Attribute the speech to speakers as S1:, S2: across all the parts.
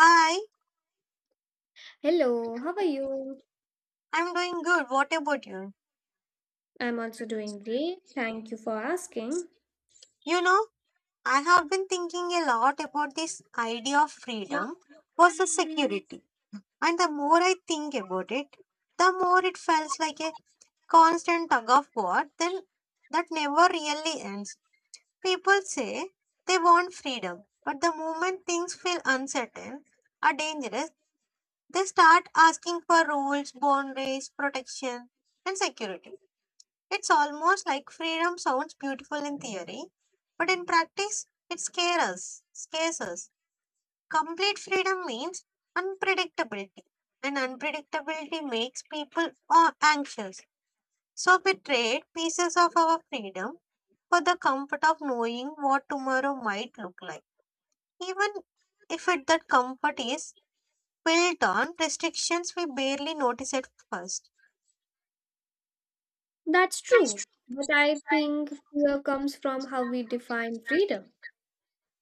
S1: Hi,
S2: Hello, how are you?
S1: I'm doing good. What about you?
S2: I'm also doing great. Thank you for asking.
S1: You know, I have been thinking a lot about this idea of freedom versus security. And the more I think about it, the more it feels like a constant tug of war then that never really ends. People say they want freedom, but the moment things feel uncertain or dangerous, they start asking for rules, boundaries, protection, and security. It's almost like freedom sounds beautiful in theory, but in practice, it scares us. Scares us. Complete freedom means unpredictability, and unpredictability makes people anxious. So we trade pieces of our freedom for the comfort of knowing what tomorrow might look like, even if it, that comfort is built on restrictions we barely notice at first.
S2: That's true, but I think fear comes from how we define freedom.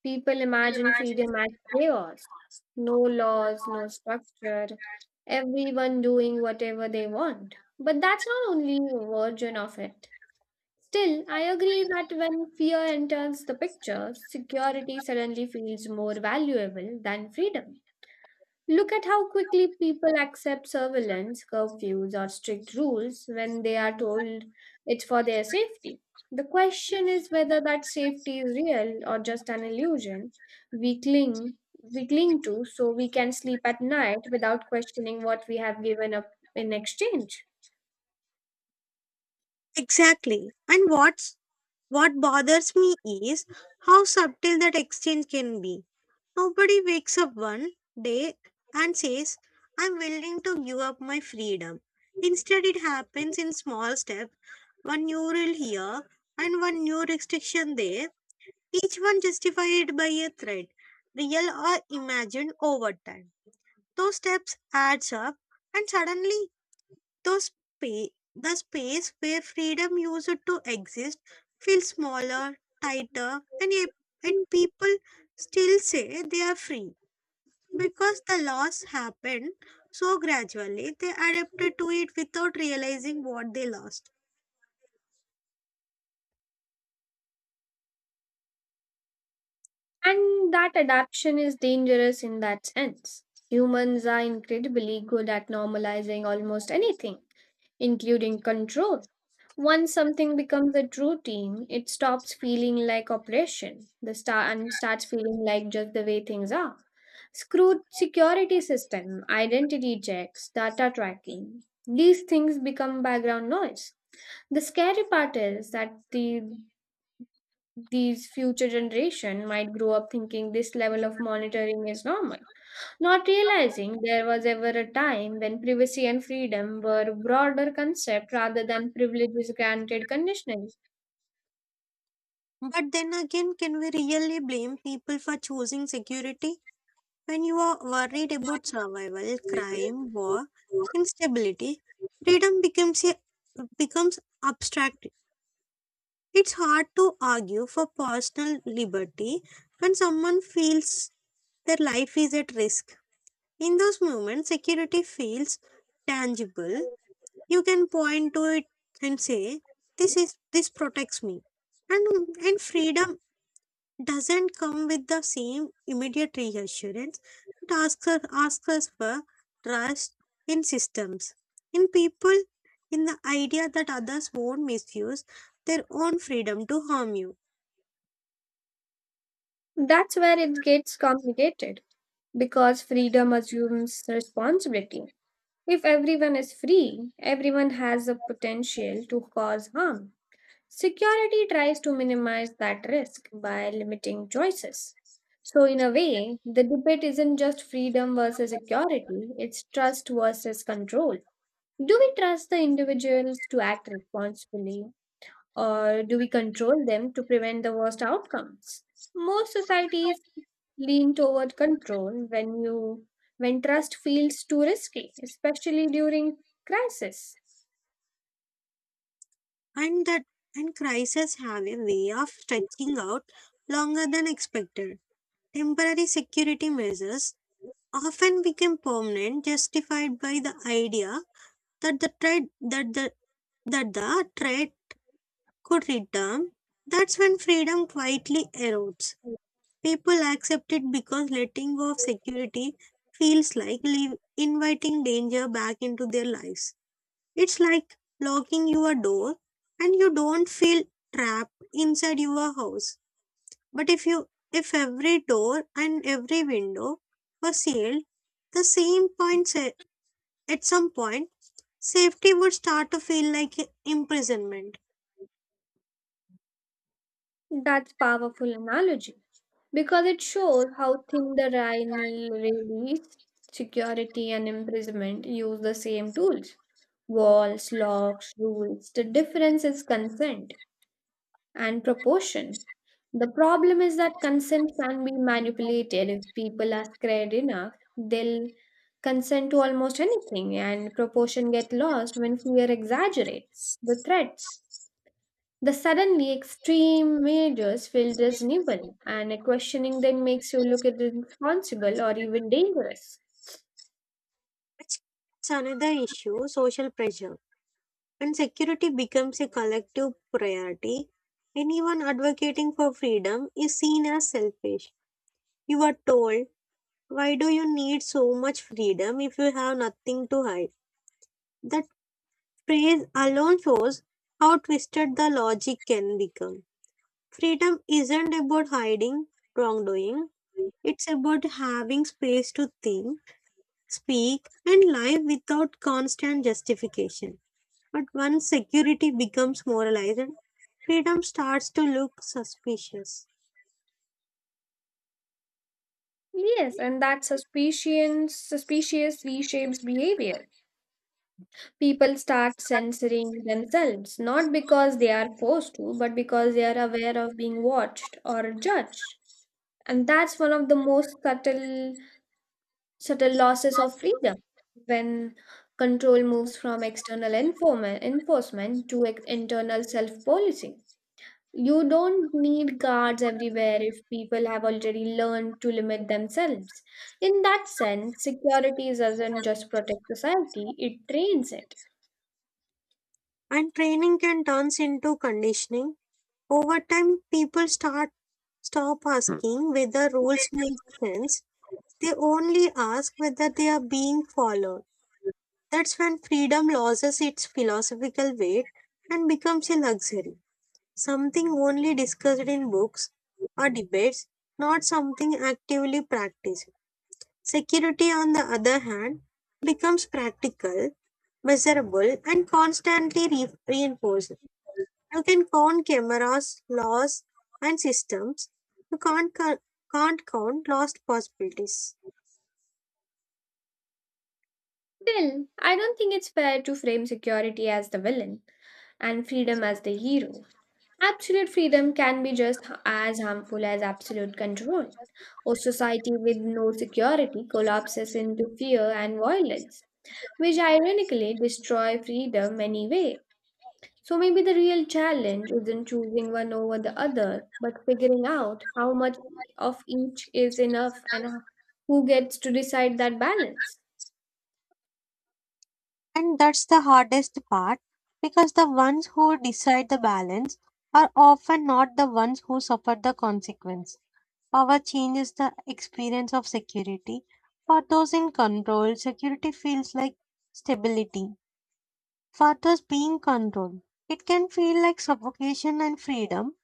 S2: People imagine freedom as chaos, no laws, no structure, everyone doing whatever they want. But that's not only a version of it. Still, I agree that when fear enters the picture, security suddenly feels more valuable than freedom. Look at how quickly people accept surveillance, curfews, or strict rules when they are told it's for their safety. The question is whether that safety is real or just an illusion we cling we cling to, so we can sleep at night without questioning what we have given up in exchange.
S1: Exactly. And what bothers me is how subtle that exchange can be. Nobody wakes up one day and says, I'm willing to give up my freedom. Instead, it happens in small steps, one new rule here and one new restriction there, each one justified by a threat, real or imagined over time. Those steps adds up, and suddenly the space where freedom used to exist feels smaller, tighter, and yet people still say they are free because the loss happened so gradually they adapted to it without realizing what they lost.
S2: And that adaptation is dangerous in that sense. Humans are incredibly good at normalizing almost anything, including control. Once something becomes a routine, it stops feeling like operation the star and starts feeling like just the way things are. Screwed security system, identity checks, data tracking. These things become background noise. The scary part is that these future generation might grow up thinking this level of monitoring is normal, not realizing there was ever a time when privacy and freedom were broader concept rather than privileges granted conditionally.
S1: But then again, can we really blame people for choosing security? When you are worried about survival, crime, war, instability, freedom becomes abstract. It's hard to argue for personal liberty when someone feels their life is at risk. In those moments, security feels tangible. You can point to it and say, "This protects me," and freedom doesn't come with the same immediate reassurance. It asks us for trust in systems, in people, in the idea that others won't misuse their own freedom to harm you.
S2: That's where it gets complicated because freedom assumes responsibility. If everyone is free, everyone has the potential to cause harm. Security tries to minimize that risk by limiting choices. So, in a way, the debate isn't just freedom versus security, it's trust versus control. Do we trust the individuals to act responsibly, or do we control them to prevent the worst outcomes? Most societies lean toward control when trust feels too risky, especially during crisis.
S1: And that and crises have a way of stretching out longer than expected. Temporary security measures often become permanent, justified by the idea that the trade that the that the trade could return. That's when freedom quietly erodes. People accept it because letting go of security feels like inviting danger back into their lives. It's like locking your door and you don't feel trapped inside your house. But if every door and every window were sealed, the same point sa- at some point, safety would start to feel like imprisonment.
S2: That's powerful analogy because it shows how thin the line really is. Security and imprisonment use the same tools. Walls, locks, rules. The difference is consent and proportion. The problem is that consent can be manipulated. If people are scared enough, they'll consent to almost anything, and proportion get lost when fear exaggerates the threats. The suddenly extreme measures feel reasonable, and a questioning then makes you look irresponsible or even dangerous.
S1: It's another issue, social pressure. When security becomes a collective priority, anyone advocating for freedom is seen as selfish. You are told, why do you need so much freedom if you have nothing to hide? That phrase alone shows how twisted the logic can become. Freedom isn't about hiding wrongdoing, it's about having space to think, speak, and live without constant justification. But once security becomes moralized, freedom starts to look suspicious,
S2: Yes, and that suspicion suspicious reshapes behavior. People start censoring themselves, not because they are forced to, but because they are aware of being watched or judged. And that's one of the most subtle losses of freedom, when control moves from external enforcement to internal self policy. You don't need guards everywhere if people have already learned to limit themselves. In that sense, security doesn't just protect society, it trains it.
S1: and training can turn into conditioning. Over time, people start stop Hmm. asking whether rules make sense. They only ask whether they are being followed. That's when freedom loses its philosophical weight and becomes a luxury, something only discussed in books or debates, not something actively practiced. Security, on the other hand, becomes practical, measurable, and constantly reinforced. You can count cameras, laws, and systems. You can't count lost possibilities.
S2: Well, I don't think it's fair to frame security as the villain and freedom as the hero. Absolute freedom can be just as harmful as absolute control. A society with no security collapses into fear and violence, which ironically destroy freedom anyway. So maybe the real challenge isn't choosing one over the other, but figuring out how much of each is enough and who gets to decide that balance.
S1: And that's the hardest part because the ones who decide the balance are often not the ones who suffer the consequence. Power changes the experience of security. For those in control, security feels like stability. For those being controlled, it can feel like suffocation and freedom,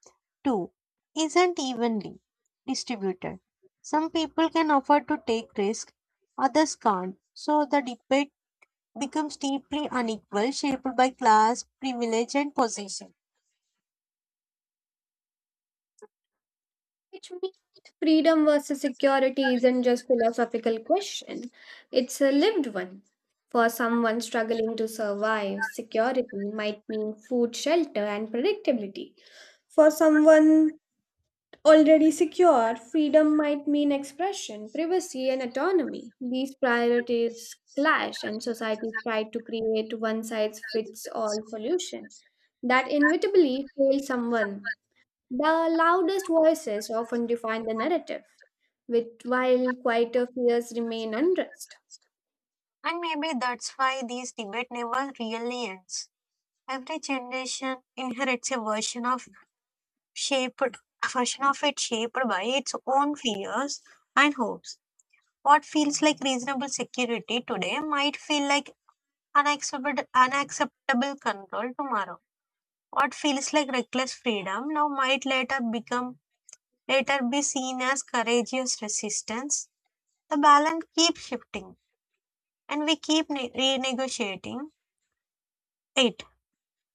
S1: too, isn't evenly distributed. Some people can afford to take risk, others can't. So the debate becomes deeply unequal, shaped by class, privilege, and position.
S2: Which means freedom versus security isn't just philosophical question, it's a lived one. For someone struggling to survive, security might mean food, shelter, and predictability. For someone already secure, freedom might mean expression, privacy, and autonomy. These priorities clash, and societies try to create one size fits all solution that inevitably fails someone. The loudest voices often define the narrative, which, while quieter fears remain unrest.
S1: And maybe that's why these debate never really ends. Every generation inherits shaped a version of it shaped by its own fears and hopes. What feels like reasonable security today might feel like unacceptable control tomorrow. What feels like reckless freedom now might later be seen as courageous resistance. The balance keeps shifting, and we keep renegotiating it,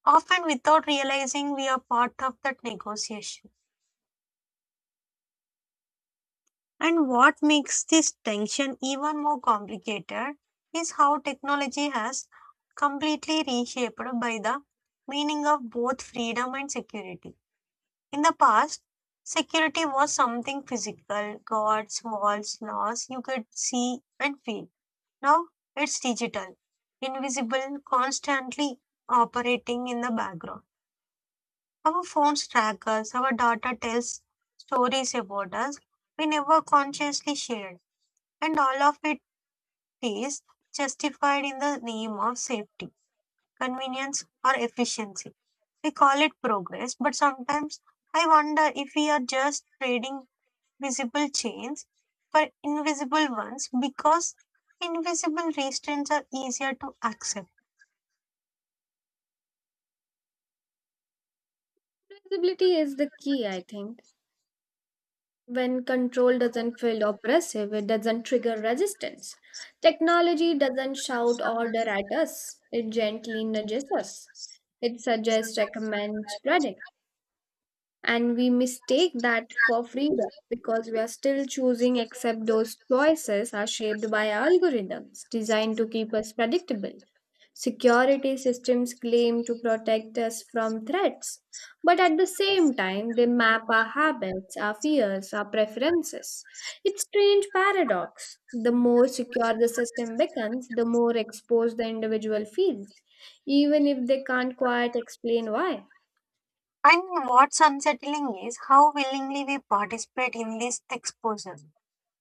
S1: often without realizing we are part of that negotiation. And what makes this tension even more complicated is how technology has completely reshaped by the meaning of both freedom and security. In the past, security was something physical, guards, walls, laws you could see and feel. Now it's digital, invisible, constantly operating in the background. Our phones track us, our data tells stories about us we never consciously shared, and all of it is justified in the name of safety, convenience, or efficiency. We call it progress, but sometimes I wonder if we are just trading visible chains for invisible ones because invisible restraints are easier to accept.
S2: Flexibility is the key, I think. When control doesn't feel oppressive, it doesn't trigger resistance. Technology doesn't shout order at us, it gently nudges us. It suggests, recommends, predicts. And we mistake that for freedom because we are still choosing, except those choices are shaped by algorithms designed to keep us predictable. Security systems claim to protect us from threats, but at the same time they map our habits, our fears, our preferences. It's strange paradox: the more secure the system becomes, the more exposed the individual feels, even if they can't quite explain why.
S1: And what's unsettling is how willingly we participate in this exposure.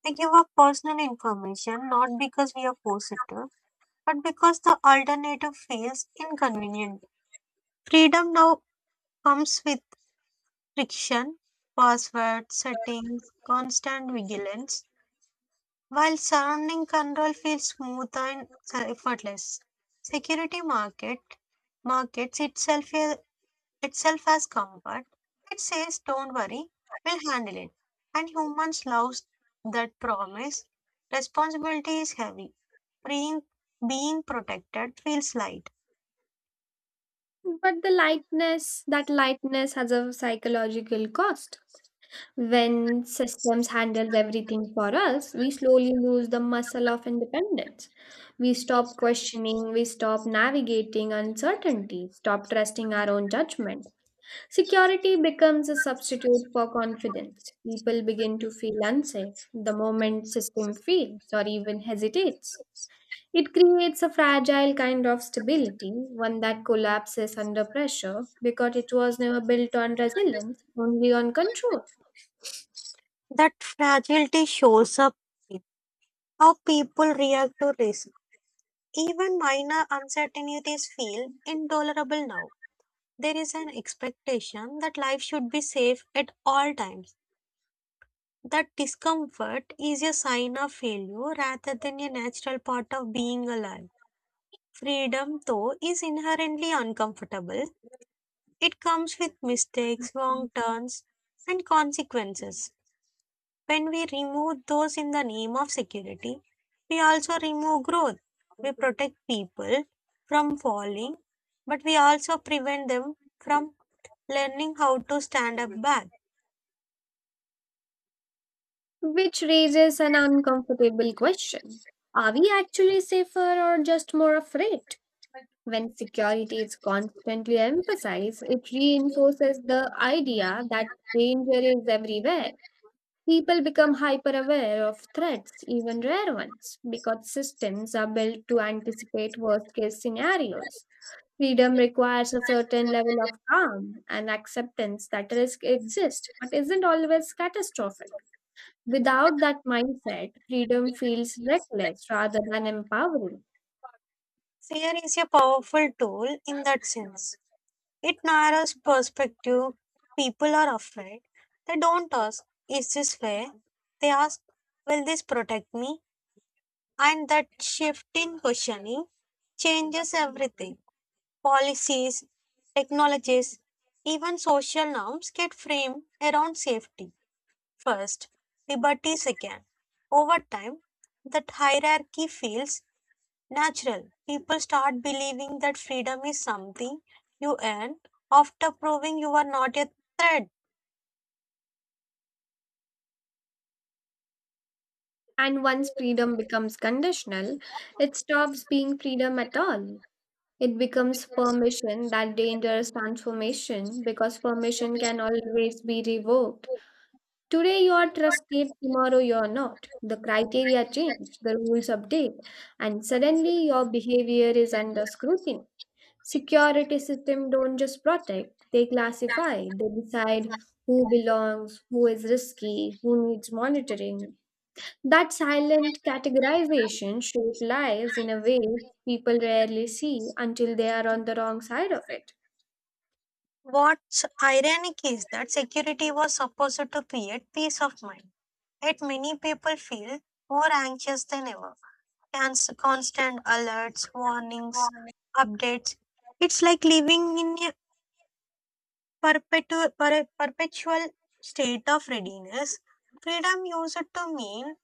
S1: We give up personal information not because we are forced to, but because the alternative feels inconvenient. Freedom now comes with friction, password settings, constant vigilance, while surrounding control feels smooth and effortless. Security markets itself as comfort. It says, "Don't worry, we'll handle it." And humans love that promise. Responsibility is heavy. Being being protected feels light.
S2: But the lightness, that lightness has a psychological cost. When systems handles everything for us, we slowly lose the muscle of independence. We stop questioning, we stop navigating uncertainty, stop trusting our own judgment. Security becomes a substitute for confidence. People begin to feel unsafe the moment system fails or even hesitates. It creates a fragile kind of stability, one that collapses under pressure because it was never built on resilience, only on control,
S1: That fragility shows up in how people react to risk. Even minor uncertainties feel intolerable now. There is an expectation that life should be safe at all times. That discomfort is a sign of failure rather than a natural part of being alive. Freedom, though, is inherently uncomfortable. It comes with mistakes, wrong turns, and consequences. When we remove those in the name of security, we also remove growth. We protect people from falling, but we also prevent them from learning how to stand up back.
S2: which raises an uncomfortable question. Are we actually safer or just more afraid? When security is constantly emphasized, it reinforces the idea that danger is everywhere. People become hyper aware of threats, even rare ones, because systems are built to anticipate worst case scenarios. Freedom requires a certain level of calm and acceptance that risk exists but isn't always catastrophic. Without that mindset, freedom feels reckless rather than empowering.
S1: Fear is a powerful tool in that sense. It narrows perspective. People are afraid. They don't ask, is this fair? They ask, will this protect me? And that shift in questioning changes everything. Policies, technologies, even social norms get framed around safety first, liberty second. Over time, that hierarchy feels natural. People start believing that freedom is something you earn after proving you are not a threat.
S2: And once freedom becomes conditional, it stops being freedom at all. It becomes permission, that dangerous transformation, because permission can always be revoked. Today you are trusted, tomorrow you are not. The criteria change, the rules update, and suddenly your behavior is under scrutiny. Security system don't just protect, they classify, they decide who belongs, who is risky, who needs monitoring. That silent categorization shapes lives in a way people rarely see until they are on the wrong side of it.
S1: What's ironic is that security was supposed to create peace of mind, yet many people feel more anxious than ever. Constant alerts, warnings, updates. It's like living in a perpetual state of readiness. Freedom used to mean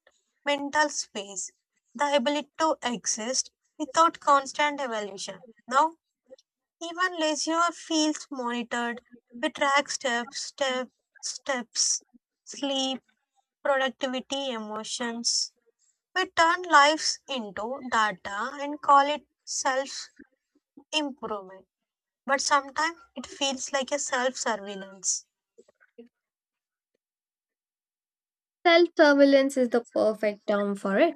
S1: mental space, the ability to exist without constant evaluation. Now, even leisure feels monitored. We track steps, sleep, productivity, emotions. We turn lives into data and call it self improvement. But sometimes it feels like a self surveillance.
S2: Self surveillance is the perfect term for it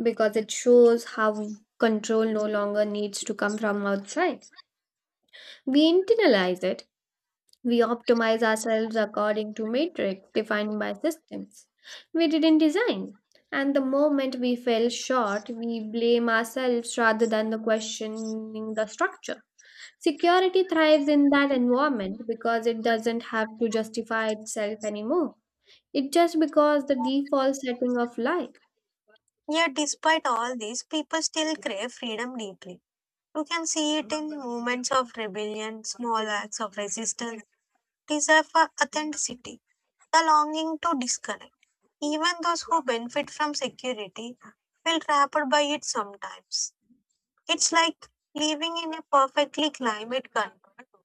S2: because it shows how control no longer needs to come from outside. We internalize it. We optimize ourselves according to matrix defined by systems we didn't design. And the moment we fell short, we blame ourselves rather than the questioning the structure. Security thrives in that environment because it doesn't have to justify itself anymore. It's just because the default setting of life.
S1: Yet, despite all this, people still crave freedom deeply. You can see it in movements of rebellion, small acts of resistance, desire for authenticity, the longing to disconnect. Even those who benefit from security feel trapped by it sometimes. It's like living in a perfectly climate controlled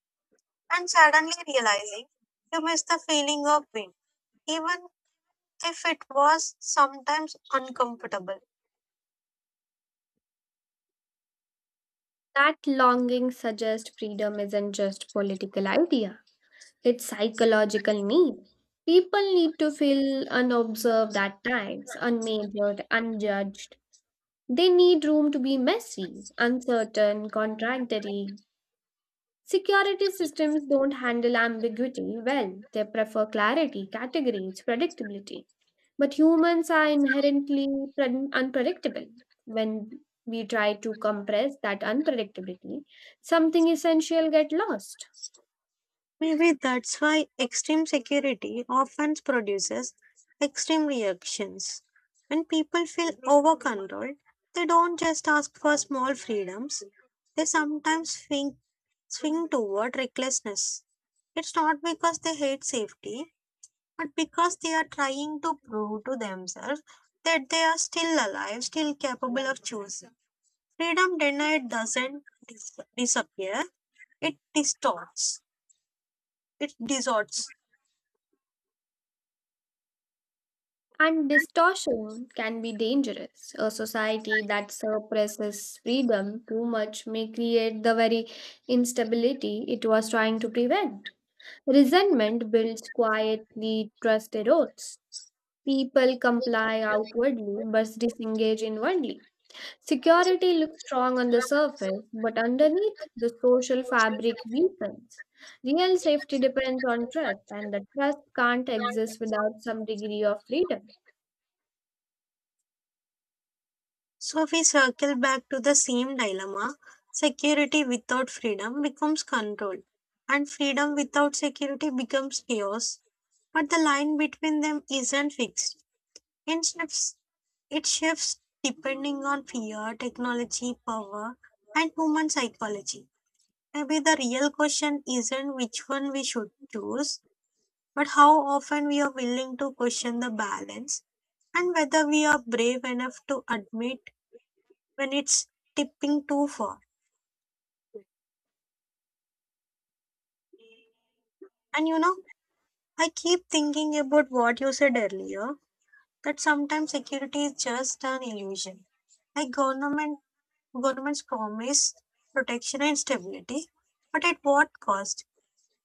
S1: and suddenly realizing you miss the feeling of wind, even if it was sometimes uncomfortable.
S2: That longing suggests freedom isn't just political idea, it's psychological need. People need to feel unobserved at times, unmeasured, unjudged. They need room to be messy, uncertain, contradictory. Security systems don't handle ambiguity well. They prefer clarity, categories, predictability. But humans are inherently unpredictable. When we try to compress that unpredictability, something essential get lost.
S1: Maybe that's why extreme security often produces extreme reactions. When people feel over controlled, they don't just ask for small freedoms, they sometimes swing toward recklessness. It's not because they hate safety, but because they are trying to prove to themselves that they are still alive, still capable of choosing. Freedom denied doesn't disappear, it distorts, it distorts.
S2: And distortion can be dangerous. A society that suppresses freedom too much may create the very instability it was trying to prevent. Resentment builds quietly, trust erodes. People comply outwardly but disengage inwardly. Security looks strong on the surface, but underneath, the social fabric weakens. Real safety depends on trust, and the trust can't exist without some degree of freedom.
S1: So we circle back to the same dilemma. Security without freedom becomes control, and freedom without security becomes chaos. But the line between them isn't fixed. It shifts, it shifts depending on fear, technology, power, and human psychology. Maybe the real question isn't which one we should choose, but how often we are willing to question the balance and whether we are brave enough to admit when it's tipping too far. And you know, I keep thinking about what you said earlier, that sometimes security is just an illusion. Like governments promise protection and stability, but at what cost?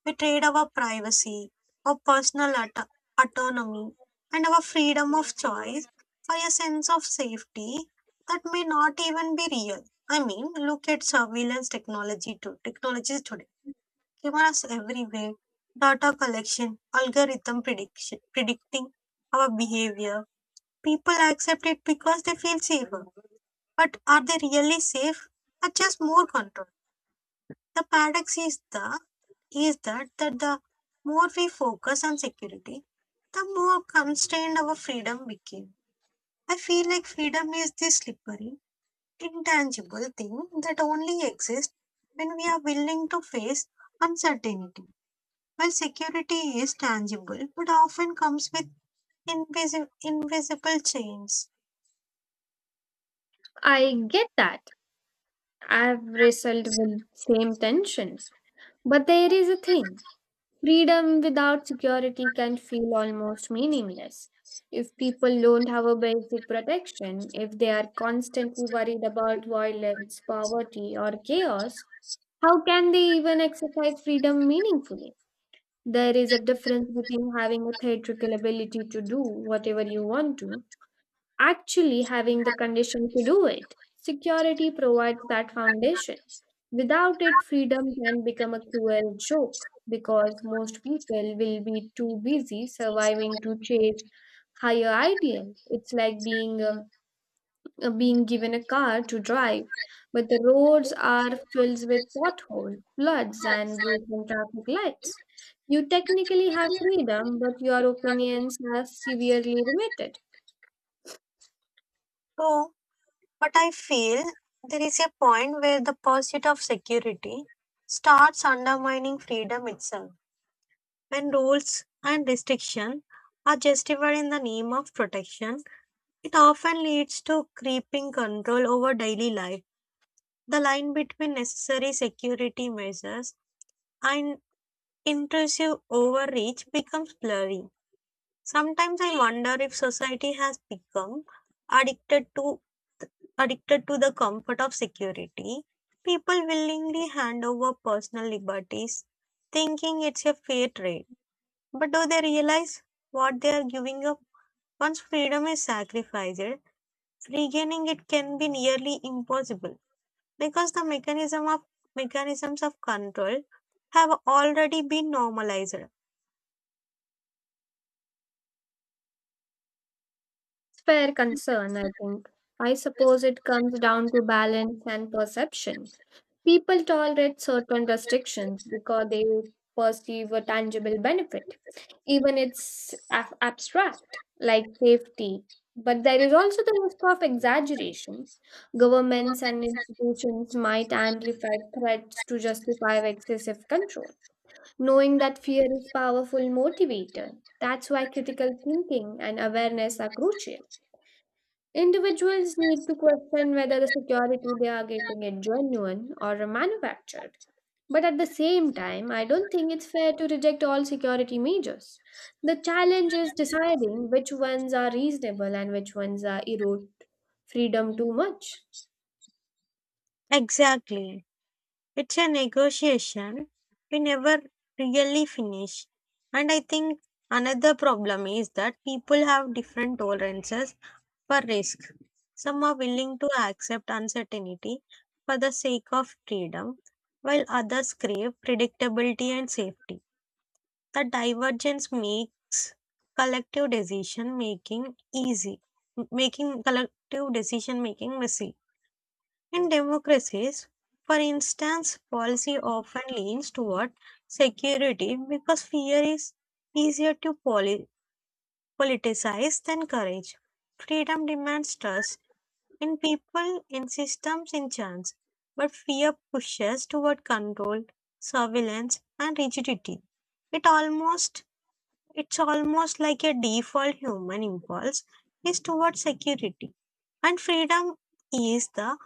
S1: We trade our privacy, our autonomy, and our freedom of choice for a sense of safety that may not even be real. I mean, look at surveillance technology too. Technologies today, cameras everywhere, data collection, predicting our behavior. People accept it because they feel safer. But are they really safe? Or just more control? The paradox is that the more we focus on security, the more constrained our freedom became. I feel like freedom is this slippery, intangible thing that only exists when we are willing to face uncertainty. While security is tangible, but often comes with invisible chains.
S2: I get that. I've wrestled with same tension. But there is a thing. Freedom without security can feel almost meaningless. If people don't have a basic protection, if they are constantly worried about violence, poverty, or chaos, how can they even exercise freedom meaningfully? There is a difference between having a theatrical ability to do whatever you want to, actually having the condition to do it. Security provides that foundation. Without it, freedom can become a cruel joke because most people will be too busy surviving to chase higher ideals. It's like being given a car to drive, but the roads are filled with potholes, floods, and broken traffic lights. You technically have freedom, but your opinions are severely limited.
S1: So, but I feel there is a point where the pursuit of security starts undermining freedom itself. When rules and restriction are justified in the name of protection, it often leads to creeping control over daily life. The line between necessary security measures and intrusive overreach becomes blurry. Sometimes I wonder if society has become addicted to addicted to the comfort of security. People willingly hand over personal liberties, thinking it's a fair trade. But do they realize what they are giving up? Once freedom is sacrificed, regaining it can be nearly impossible because the mechanisms of control have already been normalized.
S2: Fair concern, I think. I suppose it comes down to balance and perception. People tolerate certain restrictions because they perceive a tangible benefit, even it's abstract, like safety. But there is also the risk of exaggeration. Governments and institutions might amplify threats to justify excessive control, knowing that fear is powerful motivator. That's why critical thinking and awareness are crucial. Individuals need to question whether the security they are getting is genuine or manufactured. But at the same time, I don't think it's fair to reject all security measures. The challenge is deciding which ones are reasonable and which ones are erode freedom too much.
S1: Exactly. It's a negotiation we never really finish. And I think another problem is that people have different tolerances for risk. Some are willing to accept uncertainty for the sake of freedom, while others crave predictability and safety. The divergence makes collective decision making easy, making collective decision making messy. In democracies, for instance, policy often leans toward security because fear is easier to politicize than courage. Freedom demands trust in people, in systems, in chance, but fear pushes toward control, surveillance, and rigidity. It almost it's almost like a default human impulse is towards security. And freedom is the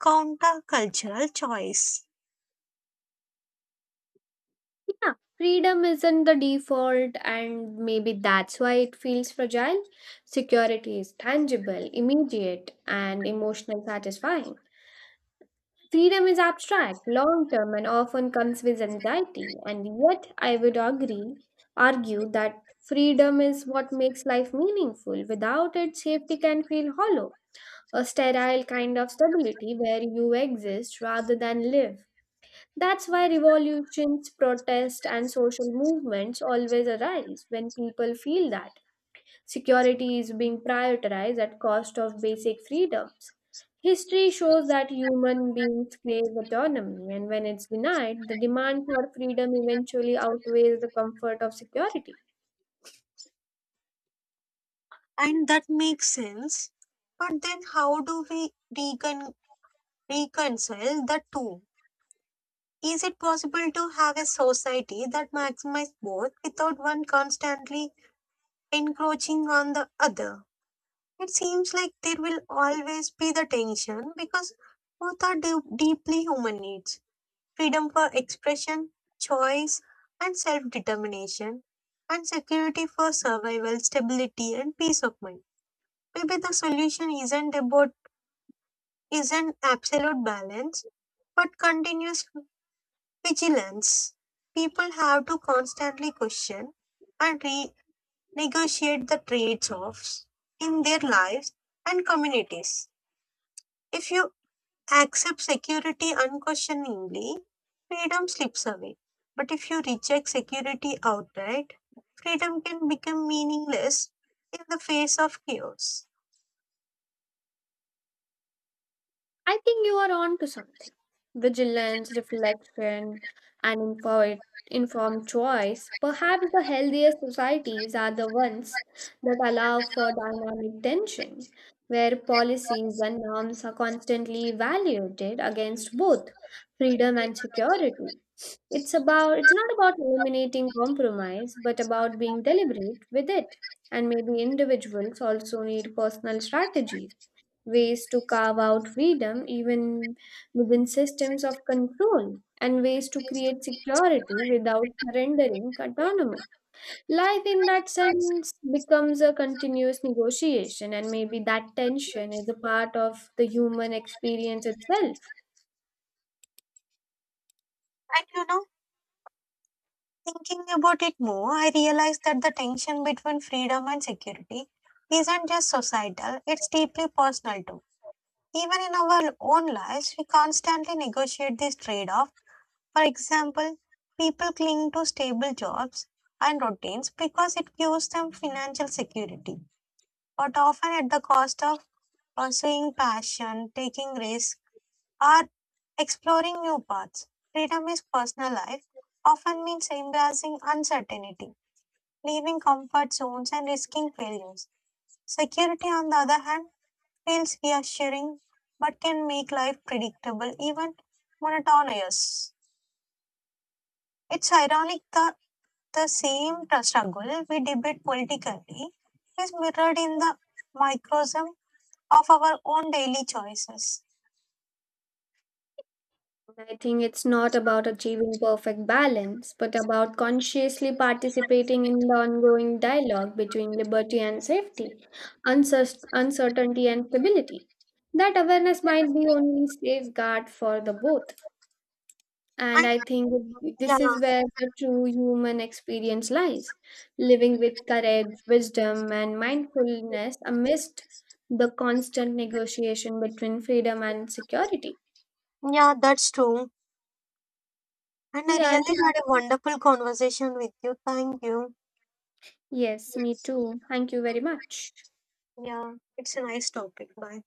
S1: countercultural choice.
S2: Yeah, freedom isn't the default, and maybe that's why it feels fragile. Security is tangible, immediate, and emotional satisfying. Freedom is abstract, long term, and often comes with anxiety, and yet I would agree, argue that freedom is what makes life meaningful. Without it, safety can feel hollow, a sterile kind of stability where you exist rather than live. That's why revolutions, protests, and social movements always arise when people feel that. Security is being prioritized at cost of basic freedoms. History shows that human beings crave autonomy, and when it's denied, the demand for freedom eventually outweighs the comfort of security.
S1: And that makes sense. But then how do we recon- reconcile the two? Is it possible to have a society that maximizes both without one constantly encroaching on the other? It seems like there will always be the tension because both are deeply human needs. Freedom for expression, choice, and self determination, and security for survival, stability, and peace of mind. Maybe the solution isn't absolute balance, but continuous vigilance. People have to constantly question and renegotiate the trade-offs in their lives and communities. If you accept security unquestioningly, freedom slips away. But if you reject security outright, freedom can become meaningless in the face of chaos.
S2: I think you are on to something. Vigilance, reflection, and informed choice. Perhaps the healthiest societies are the ones that allow for dynamic tension, where policies and norms are constantly evaluated against both freedom and security. It's not about eliminating compromise, but about being deliberate with it. And maybe individuals also need personal strategies, ways to carve out freedom even within systems of control, and ways to create security without surrendering autonomy. Life in that sense becomes a continuous negotiation, and maybe that tension is a part of the human experience itself.
S1: And you know, thinking about it more, I realized that the tension between freedom and security isn't just societal, it's deeply personal too. Even in our own lives, we constantly negotiate this trade off. For example, people cling to stable jobs and routines because it gives them financial security, but often at the cost of pursuing passion, taking risks, or exploring new paths. Freedom is personal life, often means embracing uncertainty, leaving comfort zones, and risking failures. Security, on the other hand, feels reassuring but can make life predictable, even monotonous. It's ironic that the same struggle we debate politically is mirrored in the microcosm of our own daily choices.
S2: I think it's not about achieving perfect balance, but about consciously participating in the ongoing dialogue between liberty and safety, uncertainty and stability. That awareness might be only safeguard for the both. And
S1: And
S2: I think
S1: yeah,
S2: this is where the true human experience lies, living with courage, wisdom, and mindfulness amidst the constant negotiation between freedom and security.
S1: yeah, that's true. And I really
S2: Yeah, and
S1: had a wonderful conversation with you. Thank you.
S2: Yes, me too. Thank you very much.
S1: Yeah, it's a nice topic. Bye.